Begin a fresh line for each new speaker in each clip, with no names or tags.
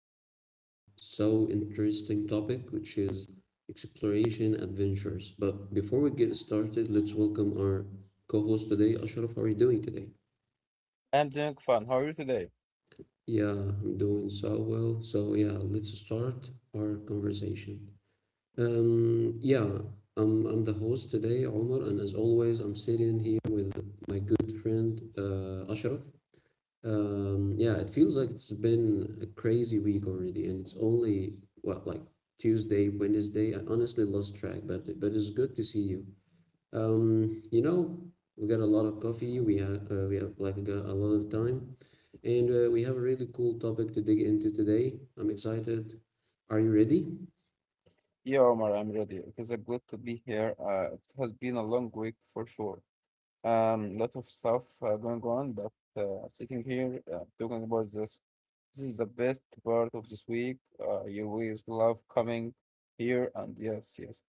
talk about so interesting topic, which is exploration adventures. But before we get started, let's welcome our co-host today, Ashraf. How are you doing today?
I'm doing fine. How are you today?
Yeah, I'm doing so well. So yeah, let's start our conversation. Um, yeah, I'm the host today, Omar, and as always, I'm sitting here with my good friend Ashraf. Yeah, it feels like it's been a crazy week already, and it's only what like Tuesday, Wednesday. I honestly lost track, but it's good to see you. Um, you know, we got a lot of coffee. We have like got a lot of time, and we have a really cool topic to dig into today. I'm excited. Are you ready?
Yeah, Omar, I'm ready. It is good to be here. It has been a long week for sure. Lot of stuff going on, but sitting here talking about this, this is the best part of this week. You always love coming here, and yes, yes.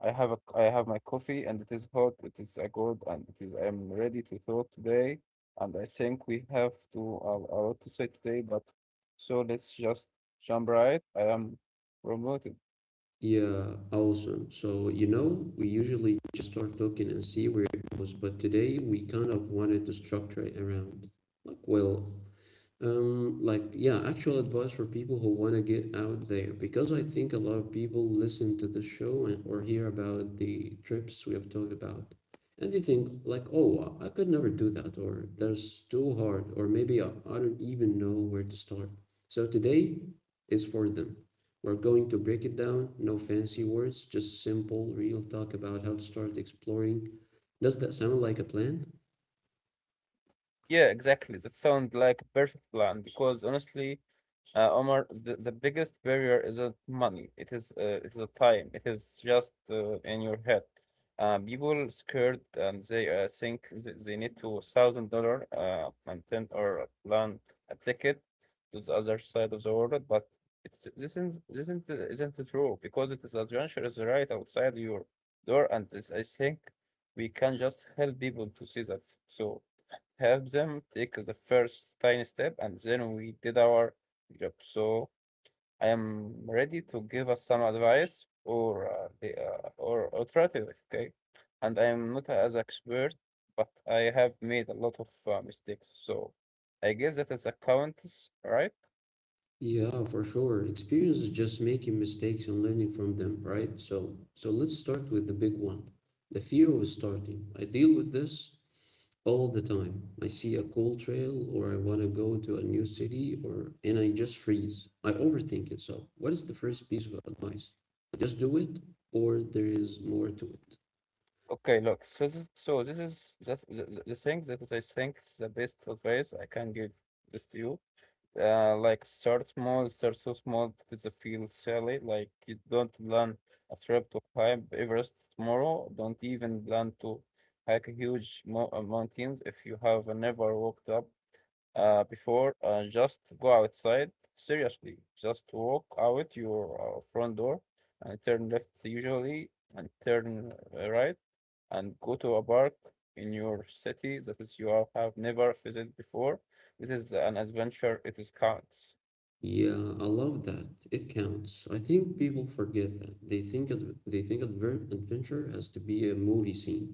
I have my coffee and it is hot, it is a good, and it is I am ready to talk today. And I think we have to a lot to say today, but so let's just jump right. I am promoted.
Yeah, awesome. So, you know, we usually just start talking and see where it goes, but today we kind of wanted to structure it around like, well, like actual advice for people who want to get out there because I think a lot of people listen to the show and, or hear about the trips we have talked about, and they think like, "Oh, I could never do that," or "That's too hard," or maybe I don't even know where to start. So today is for them. We're going to break it down, no fancy words, just simple, real talk about how to start exploring. Does that sound like a plan?
Yeah, exactly. That sounds like a perfect plan because honestly, Omar, the biggest barrier isn't money. It is the time. It is just in your head. People scared and they think they need to $1,000 and or plan a ticket to the other side of the world, but it's this isn't true because it is adventure is right outside your door, and this I think we can just help people to see that. So help them take the first tiny step, and then we did our job. So I am ready to give us some advice or the or alternative, okay? And I am not as expert, but I have made a lot of mistakes. So I guess that is accounts, right?
Yeah, for sure. Experience is just making mistakes and learning from them, right? So let's start with the big one, the fear of starting. I deal with this all the time. I see a cool trail or I want to go to a new city or and I just freeze. I overthink it. So, what is the first piece of advice? Just do it, or there is more to it?
Okay, look, so this is that's the thing that is, I think the best advice I can give this to you. Like start small, start so small that it feel silly. Like you don't plan a trip to climb Everest tomorrow. Don't even plan to hike huge mountains if you have never walked up before, just go outside. Seriously, just walk out your front door and turn left usually and turn right and go to a park in your city that is you have never visited before. It is an adventure. It is counts.
Yeah, I love that. It counts. I think people forget that. They think adv they think adver adventure has to be a movie scene.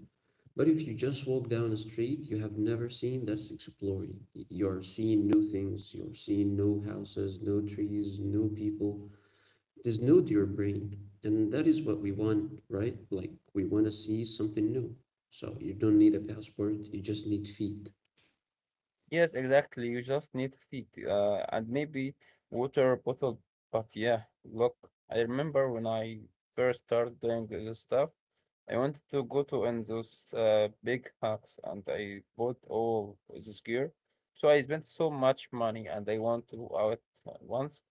But if you just walk down a street you have never seen, that's exploring. You're seeing new things, you're seeing no houses, no trees, no people. There's no to your brain. And that is what we want, right? Like we want to see something new. So you don't need a passport, you just need feet.
Yes, exactly. You just need feed and maybe water bottle. But yeah, look, I remember when I first started doing this stuff, I wanted to go to in those big hacks and I bought all this gear. So I spent so much money and I went to out once.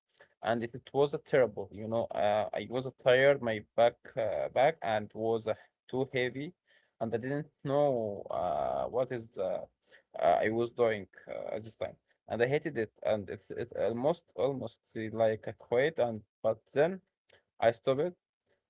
And it was a terrible, you know, I was tired, my back back and was too heavy and I didn't know what is the I was doing at this time, and I hated it, and it almost like I quit, and but then I stopped,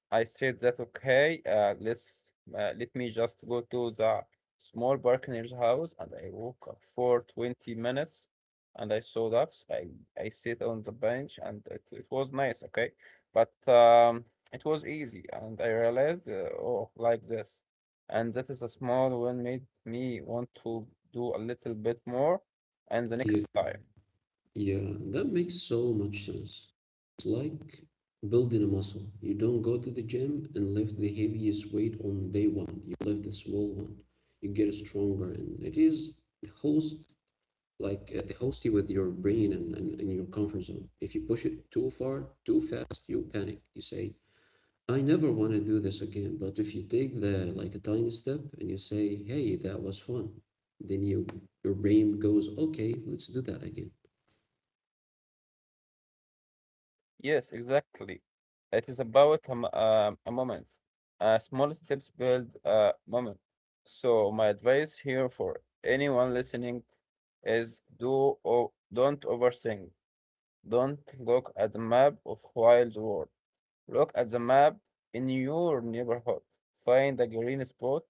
I said that okay, let me just go to the small partner's house, and I woke up for 20 minutes, and I saw ducks. I sit on the bench, and it was nice, okay, but it was easy, and I realized, oh, like this, and that is a small one made me want to do a little bit more, and the
You
next time.
Yeah, that makes so much sense. It's like building a muscle. You don't go to the gym and lift the heaviest weight on day one. You lift a small one. You get stronger, and it is the host like the hosty with your brain and your comfort zone. If you push it too far, too fast, you panic. You say, I never want to do this again. But if you take the like a tiny step and you say, "Hey, that was fun," then you your brain goes, "Okay, let's do that again."
Yes, exactly. It is about a moment. Small steps build a moment. So my advice here for anyone listening is do or don't overthink. Don't look at the map of wild world. Look at the map in your neighborhood. Find a green spot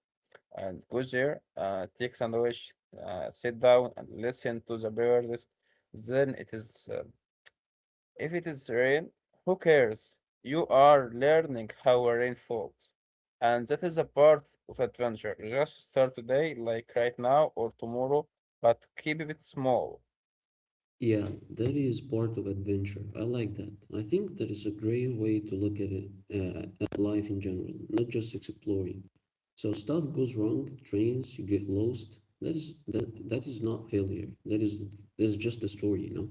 and go there. Take sandwich. Sit down and listen to the birds. Then it is if it is rain, who cares? You are learning how rain falls. And that is a part of adventure. Just start today, like right now or tomorrow, but keep it small.
Yeah, that is part of adventure. I like that. I think that is a great way to look at it, at life in general, not just exploring. So stuff goes wrong, trains, you get lost. That is not failure. That is just the story, you know.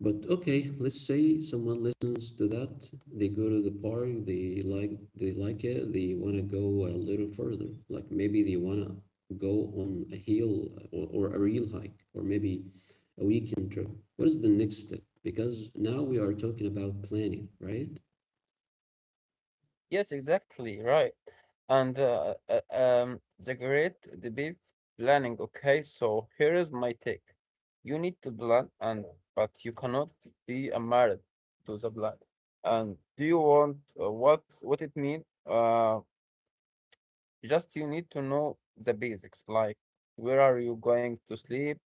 But okay, let's say someone listens to that. They go to the park. They like it. They want to go a little further. Like maybe they want to go on a hill or a real hike or maybe a weekend trip. What is the next step? Because now we are talking about planning, right?
Yes, exactly, right. And the great debate planning. Okay, so here is my take. You need to plan, and but you cannot be a married to the plan. And do you want what it mean? Uh, Just you need to know the basics, like where are you going to sleep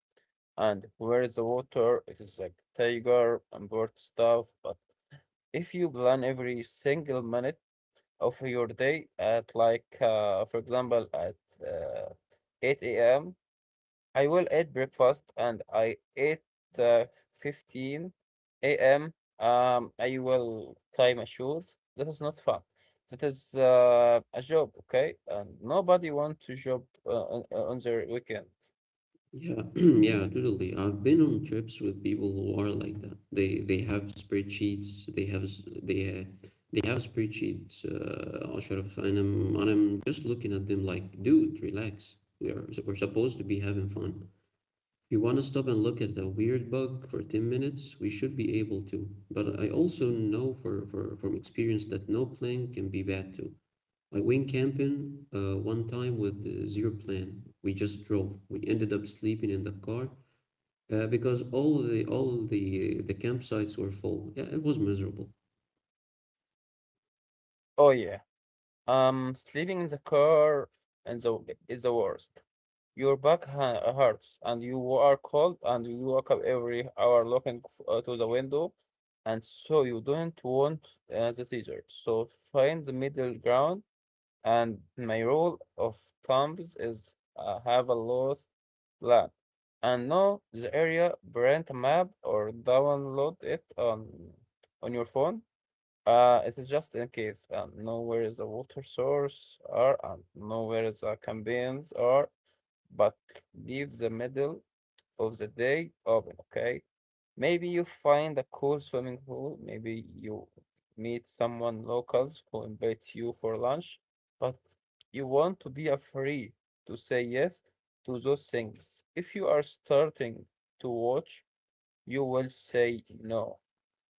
and where is the water. It is like tiger and bird stuff. But if you plan every single minute of your day at like, for example, at uh, 8 a.m. I will eat breakfast and I ate uh, 15 a.m. I will tie my shoes. That is not fun. That is a job, okay? And nobody wants to job on their weekend.
Yeah, yeah, totally. I've been on trips with people who are like that. They have spreadsheets. They have s- they ha- they have spreadsheets, Ashraf, and I'm just looking at them like, dude, relax. We're supposed to be having fun. If you want to stop and look at a weird bug for 10 minutes, we should be able to. But I also know for from experience that no plan can be bad too. I went camping one time with zero plan. We just drove. We ended up sleeping in the car because all the campsites were full. Yeah, it was miserable.
Oh yeah. Sleeping in the car and the is the worst. Your back ha hurts, and you are cold, and you wake up every hour looking to the window, and so you don't want the desert. So find the middle ground. And my rule of thumbs is have a lost plan, and know the area, print a map, or download it on your phone it is just in case. Know where is the water source are, and know where is the campaigns are, but leave the middle of the day open, okay? Maybe you find a cool swimming pool. Maybe you meet someone locals who invite you for lunch, but you want to be a free to say yes to those things. If you are starting to watch, you will say no.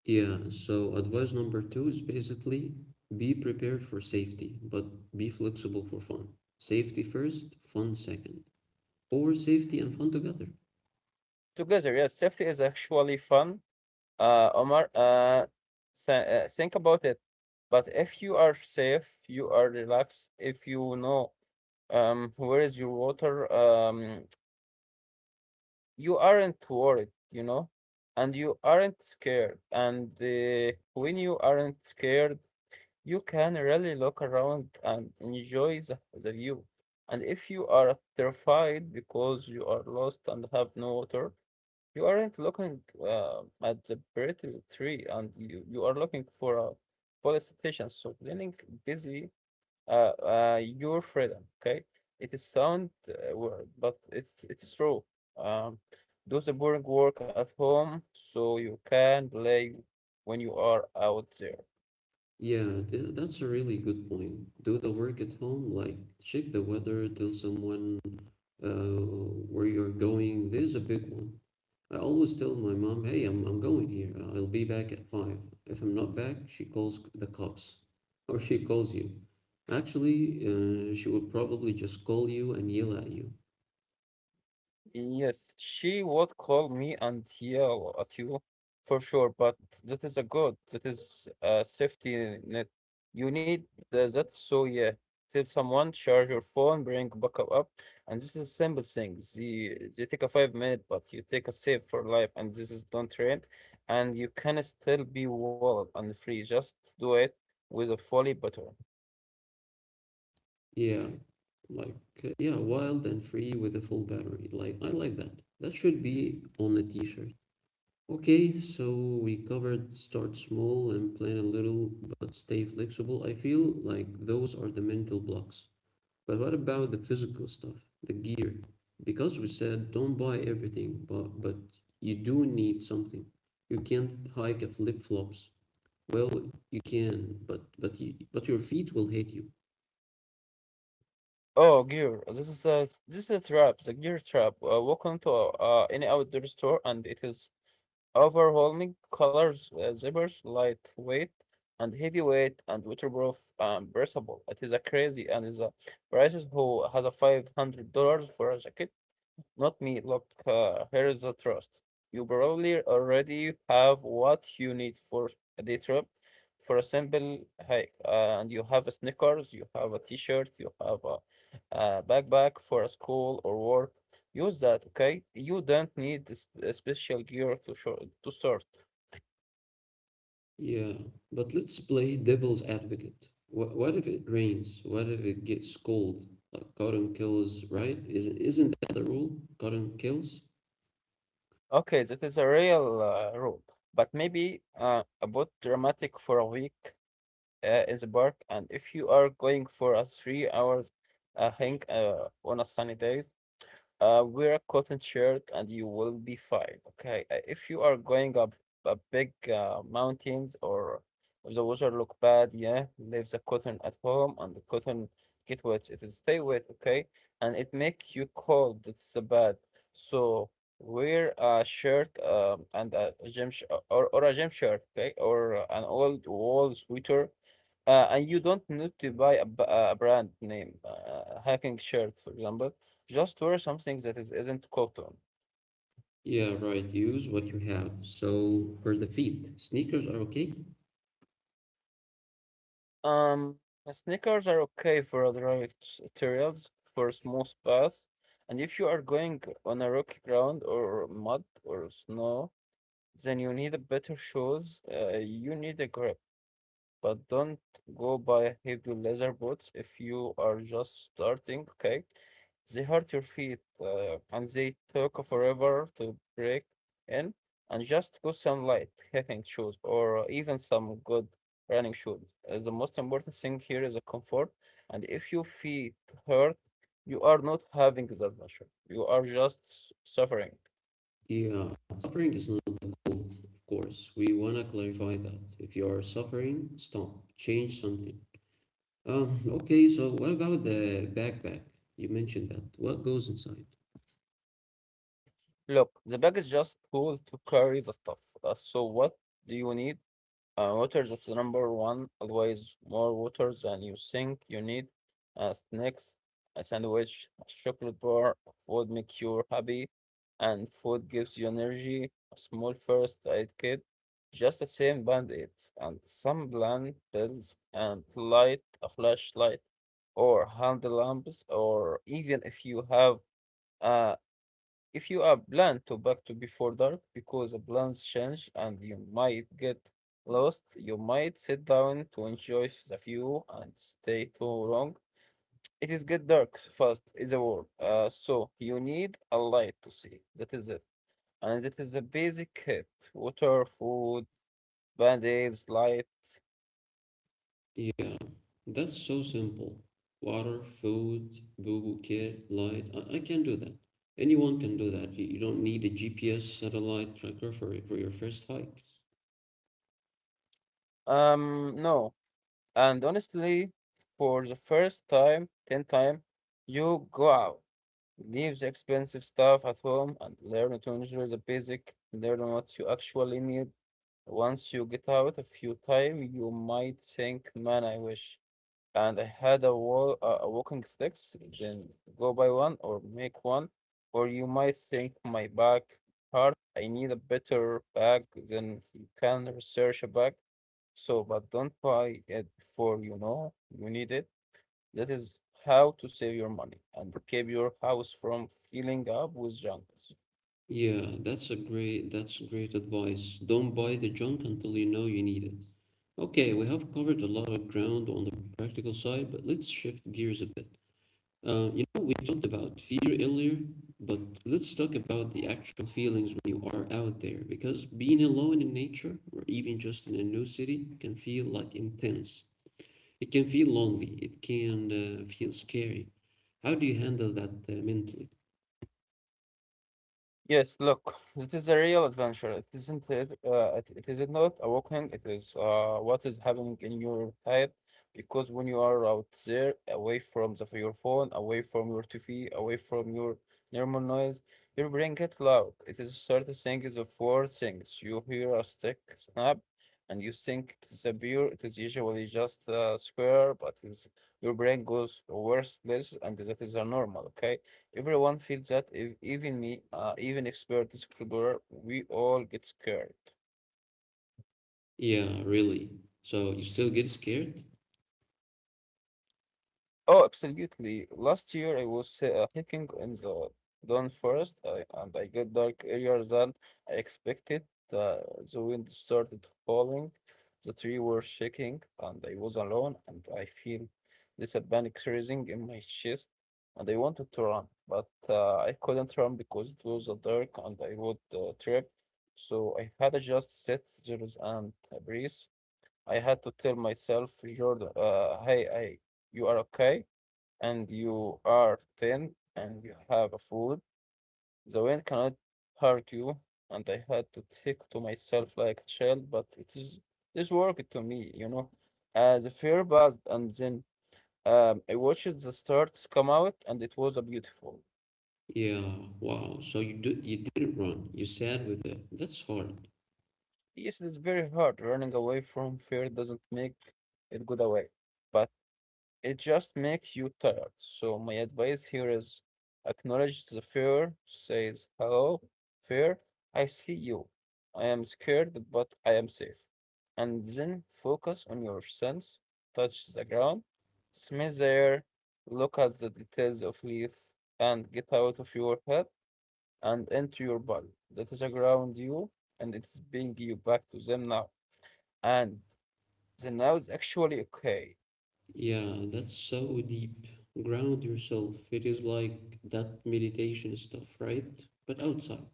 Yeah, so advice number two is basically be prepared for safety, but be flexible for fun. Safety first, fun second, or safety and fun together.
Together, yes, safety is actually fun. Uh, Omar, uh, think about it. But if you are safe, you are relaxed, if you know where is your water, you aren't worried, you know, and you aren't scared. And when you aren't scared, you can really look around and enjoy the view. And if you are terrified because you are lost and have no water, you aren't looking at the brittle tree, and you are looking for a politician. So leaning busy, your freedom. Okay, it is sound word, but it's true. Um, do the boring work at home so you can play when you are out there.
Yeah, that's a really good point. Do the work at home, like check the weather, tell someone uh, where you're going. This is a big one. I always tell my mom, hey, I'm going here. I'll be back at five. If I'm not back, she calls the cops or she calls you. Actually, she would probably just call you and yell at you.
Yes, she would call me and yell at you, for sure, but that is a good, that is a safety net. You need that so yeah. Tell someone, charge your phone, bring backup up, and this is a simple thing. The, they take a 5 minute, but you take a save for life, and this is don't train, and you can still be wild and free. Just do it with a fully butter.
Yeah, like, yeah, wild and free with a full battery. Like, I like that. That should be on a t shirt. Okay, so we covered start small and plan a little, but stay flexible. I feel like those are the mental blocks. But what about the physical stuff, the gear? Because we said don't buy everything, but you do need something. You can't hike a flip flops. Well, you can, but your feet will hate you.
Oh, gear. This is a trap. The gear trap. Walk into any outdoor store, and it is overwhelming colors, zippers, lightweight and heavyweight and waterproof and breathable. It is a crazy and is a prices who has a $500 for a jacket not me. Look, here's the trust. You probably already have what you need for a day trip, for a simple hike. And you have a sneakers, you have a t-shirt, you have a backpack for a school or work. Use that, okay? You don't need a special gear to show, to start.
Yeah, but let's play devil's advocate. What if it rains? What if it gets cold? Like cotton kills, right? Isn't that the rule? Cotton kills?
Okay, that is a real rule, but maybe a bit dramatic for a week. In the park. And if you are going for a 3 hours hike on a sunny day, wear a cotton shirt and you will be fine. Okay. If you are going up a big mountains or if the water look bad, yeah, leave the cotton at home and the cotton get wet. It is stay wet, okay? And it make you cold. It's bad. So wear a shirt and a gym sh or a gym shirt, okay? Or an old wool sweater. And you don't need to buy a brand name, hiking shirt, for example. Just wear something that is, isn't cotton.
Yeah, right. Use what you have. So for the feet, sneakers are okay.
Um, Sneakers are okay for dry materials, for smooth paths, and if you are going on a rocky ground or mud or snow, then you need a better shoes. You need a grip. But don't go buy heavy leather boots if you are just starting, okay? They hurt your feet and they took forever to break in. And just go some light hiking shoes or even some good running shoes. The most important thing here is the comfort. And if your feet hurt, you are not having the adventure. You are just suffering.
Yeah, suffering is not the goal, of course. We want to clarify that. If you are suffering, stop, change something. Okay, so what about the backpack? You mentioned that. What goes inside?
Look, the bag is just tool to carry the stuff. So what do you need? Water, that's the number one. Always more water than you think you need. Snacks, a sandwich, a chocolate bar. Food make you happy, and food gives you energy. A small first aid kit, just the same band-aids, and some bland pills, and light, a flashlight, or hand lamps, or even if you have uh, if you are plan to back to before dark because the plans change and you might get lost, you might sit down to enjoy the view and stay too long. It is get dark fast in the world, so you need a light to see. That is it, and that is a basic kit: water, food, band-aids, light.
Yeah, that's so simple. Water, food, boo boo care, light. I can do that. Anyone can do that. You don't need a GPS satellite tracker for your first hike.
No, and honestly, for the first time, ten time, you go out. Leave the expensive stuff at home and learn to enjoy the basic. Learn what you actually need. Once you get out a few time, you might think, "Man, I wish." And I had a wall, a walking sticks. Then go buy one or make one. Or you might think, "My bag hard. I need a better bag." Then you can research a bag. So, but don't buy it before you know you need it. That is how to save your money and keep your house from filling up with junk.
Yeah, that's great advice. Don't buy the junk until you know you need it. Okay, we have covered a lot of ground on the practical side, but let's shift gears a bit. You know, we talked about fear earlier, but let's talk about the actual feelings when you are out there, because being alone in nature, or even just in a new city, can feel like intense. It can feel lonely, it can feel scary. How do you handle that mentally?
Yes, look, it is a real adventure. It isn't it, it is not a walking. It is what is happening in your head because when you are out there, away from your phone, away from your TV, away from your normal noise, your brain gets loud. It is certain things of four things. You hear a stick snap, and you think it is a beer. It is usually just a square, but it's, your brain goes to worse places, and that is a normal. Okay. Everyone feels that, if even me, even expert explorer, we all get scared.
Yeah, really. So you still get scared?
Oh, absolutely. Last year I was hiking in the Dawn Forest I, and I got dark earlier than I expected. Uh, the wind started falling, the trees were shaking, and I was alone. And I feel this panic rising in my chest, and I wanted to run, but I couldn't run because it was dark and I would trip. So I had to just sit there and breathe. I had to tell myself, Jordan, you are okay and you are thin and you have a food, the wind cannot hurt you. And I had to think to myself like a child, but it is this worked to me, The fear buzzed, and then I watched the stars come out, and it was a beautiful.
Yeah, wow. So you do, you didn't run. You sat with it. That's hard.
Yes, it's very hard. Running away from fear doesn't make it go away, but it just makes you tired. So my advice here is acknowledge the fear, says, hello, fear, I see you. I am scared, but I am safe. And then focus on your sense, touch the ground, smell the air, look at the details of leaf, and get out of your head and into your body. That is around you, and it is bringing you back to them now. And the now is actually okay.
Yeah, that's so deep. Ground yourself. It is like that meditation stuff, right? But outside.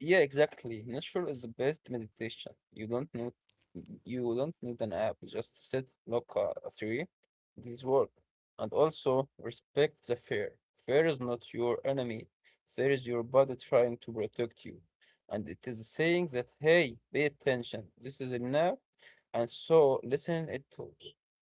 Yeah, exactly. Nature is the best meditation. You don't need an app. Just sit, look at a tree. This work. And also respect the fear. Fear is not your enemy. Fear is your body trying to protect you. And it is saying that hey, pay attention. This is a now. And so listen it to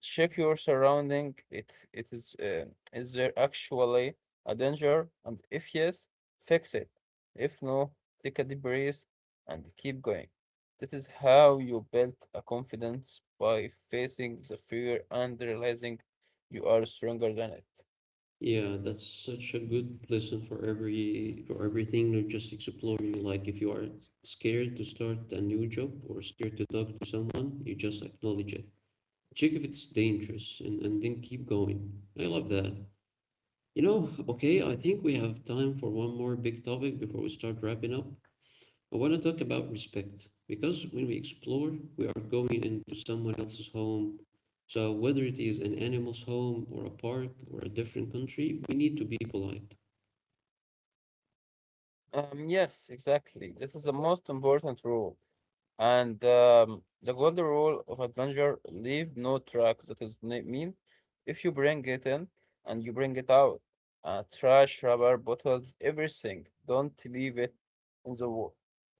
check your surrounding. It is there actually a danger? And if yes, fix it. If no, take a deep breath, and keep going. That is how you build a confidence by facing the fear and realizing you are stronger than it.
Yeah, that's such a good lesson for everything, not just exploring. Like if you are scared to start a new job or scared to talk to someone, you just acknowledge it. Check if it's dangerous and then keep going. I love that. You know, okay, I think we have time for one more big topic before we start wrapping up. I want to talk about respect because when we explore, we are going into someone else's home. So, whether it is an animal's home or a park or a different country, we need to be polite.
Yes, exactly. This is the most important rule. And the golden rule of adventure, leave no track. That is mean if you bring it in and you bring it out. Trash, rubber, bottles, everything. Don't leave it in the wall.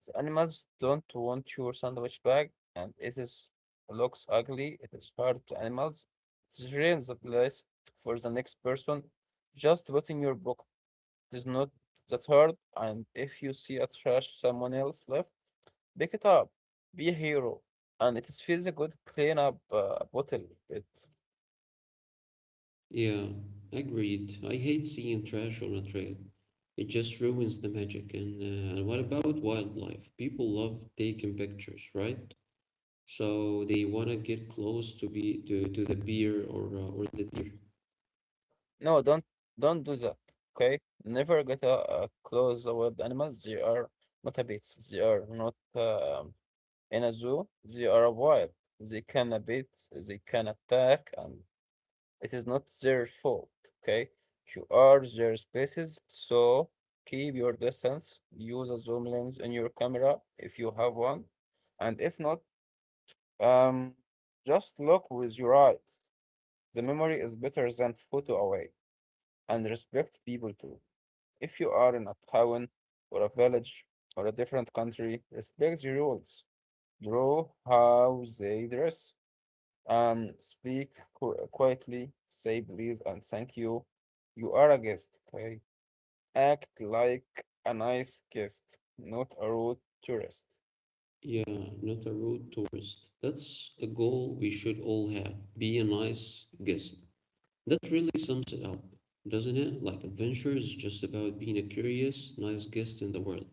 The animals don't want your sandwich bag and it is looks ugly. It is hard to animals. It ruins the place for the next person. Just put in your book. It is not that hard and if you see a trash someone else left, pick it up. Be a hero. And it is feels good clean up a bottle. It
Yeah, agreed. I hate seeing trash on a trail. It just ruins the magic. And what about wildlife? People love taking pictures, right? So they want to get close to the bear or the deer.
no, don't do that. Okay? Never get a, close with animals. They are not habits. They are not in a zoo. They are wild. They can bite. They can attack, and it is not their fault. Okay? You are their species, so keep your distance. Use a zoom lens in your camera if you have one, and if not Um, just look with your eyes. The memory is better than photo away, and respect people too. If you are in a town or a village or a different country, respect the rules. Draw how they dress. Speak quietly. Say please and thank you. You are a guest, okay? Act like a nice guest, not a rude tourist.
Yeah, not a rude tourist. That's a goal we should all have. Be a nice guest. That really sums it up, doesn't it? Like adventure is just about being a curious, nice guest in the world.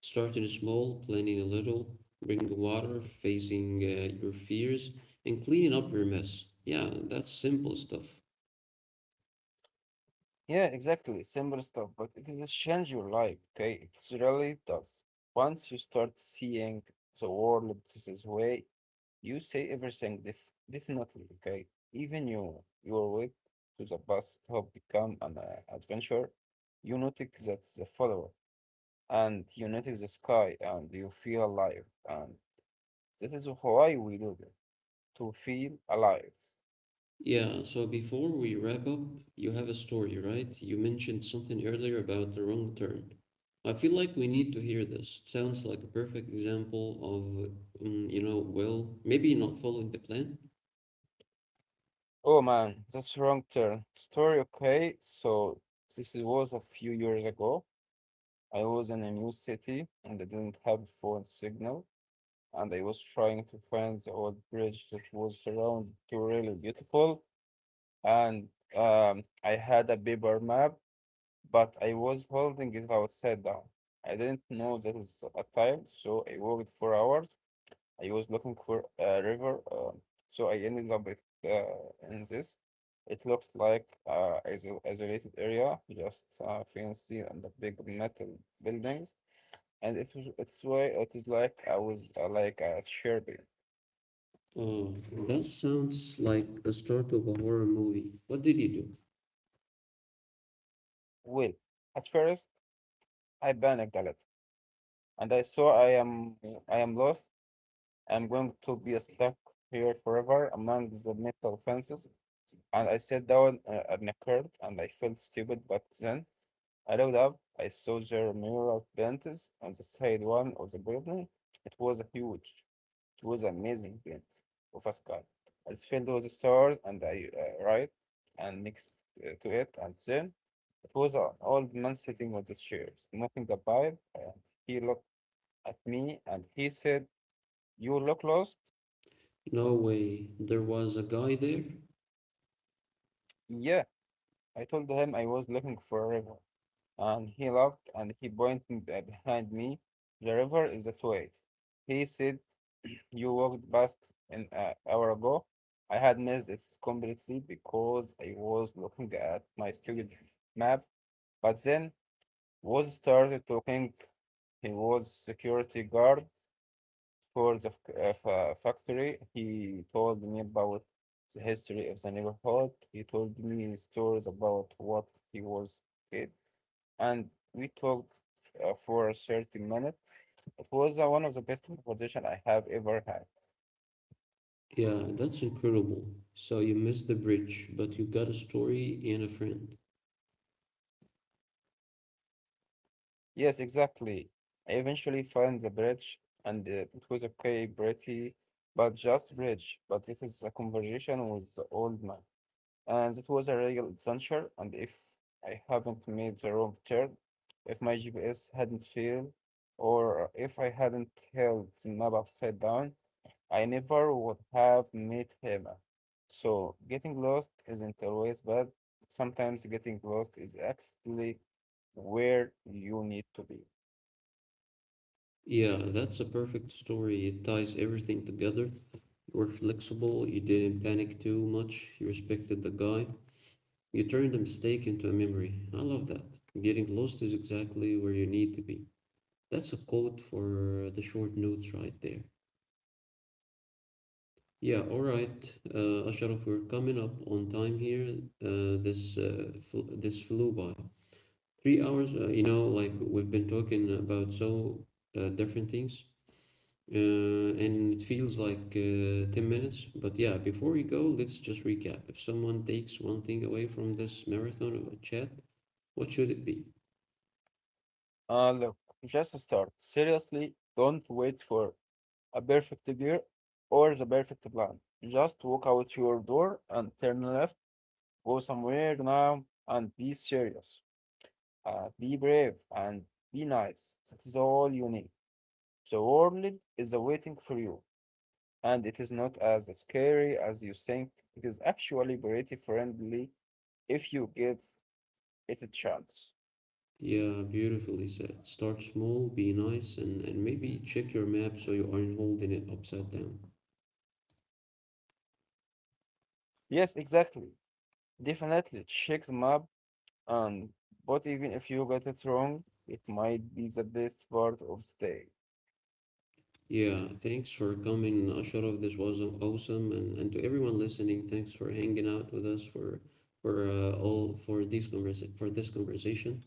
Starting small, planning a little, bringing water, facing your fears, and cleaning up your mess. Yeah, that's simple stuff.
Yeah, exactly. Simple stuff, but it does change your life, okay? It really does. Once you start seeing the world this way, you see everything definitely, okay? Even you, your way to the bus stop become an adventure. You notice that the follower, and you notice the sky, and you feel alive. And this is why we do it, to feel alive.
Yeah, so before we wrap up, you have a story, right? You mentioned something earlier about the wrong turn. I feel like we need to hear this. It sounds like a perfect example of, you know, well, maybe not following the plan.
Oh man, that's wrong turn. Story, okay. So was a few years ago. I was in a new city and I didn't have phone signal, and I was trying to find the old bridge that was around to really beautiful. And I had a paper map, but I was holding it upside down. I didn't know there was a time, so I walked for hours I was looking for a river, so I ended up with in this. It looks like isolated area, just fancy and the big metal buildings, and it was it's why it is like I was like a Sherby.
Oh, that sounds like the start of a horror movie. What did you do?
Well, at first I panicked a little, and I saw I am lost. I'm going to be stuck here forever among the metal fences. And I sat down on a curb, and I felt stupid, but then. I looked up. I saw their mural paintings on the side one of the building. It was huge. It was amazing paint of a sky. It's filled with stars, and I right and next to it, and then it was an old man sitting on the chairs, smoking a pipe, and he looked at me and he said, "You look lost."
No way. There was a guy there?
Yeah, I told him I was looking for a river, and he laughed and he pointed behind me. The river is that way. He said, you walked past an hour ago. I had missed it completely because I was looking at my stupid map. But then was started talking. He was security guard for the factory. He told me about the history of the neighborhood. He told me stories about what he was did, and we talked for 30 minutes. It was one of the best conversation I have ever had.
Yeah, that's incredible. So you missed the bridge, but you got a story and a friend.
Yes, exactly. I eventually found the bridge, and it was okay, pretty, but just bridge. But it is a conversation with the old man, and it was a real adventure. And if I haven't made the wrong turn, if my GPS hadn't failed, or if I hadn't held the map upside down, I never would have met him. So getting lost isn't always bad. Sometimes getting lost is actually where you need to be.
Yeah, that's a perfect story. It ties everything together. You were flexible, you didn't panic too much, you respected the guy. You turned a mistake into a memory. I love that. Getting lost is exactly where you need to be. That's a quote for the short notes right there. Yeah, all right, Ashraf, we're coming up on time here. This flew by. 3 hours, you know, like we've been talking about so different things. And it feels like 10 minutes. But yeah, before we go, let's just recap. If someone takes one thing away from this marathon of a chat, what should it be?
Look, just start. Seriously, don't wait for a perfect gear or the perfect plan. Just walk out your door and turn left, go somewhere now, and be serious. Be brave and be nice. That is all you need. The world is waiting for you, and it is not as scary as you think. It is actually pretty friendly if you give it a chance.
Yeah, beautifully said. Start small, be nice, and maybe check your map so you aren't holding it upside down.
Yes, exactly. Definitely check the map. Um, but even if you get it wrong, it might be the best part of the day.
Yeah, thanks for coming, Ashraf. This was awesome, and to everyone listening, thanks for hanging out with us for all for these conversa- for this conversation.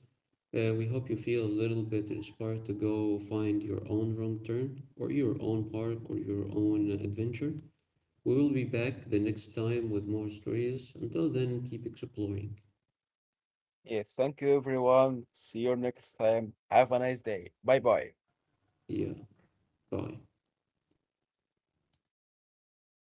We hope you feel a little bit inspired to go find your own wrong turn or your own park or your own adventure. We will be back the next time with more stories. Until then, keep exploring.
Yes, thank you everyone. See you next time. Have a nice day. Bye bye.
Yeah, bye.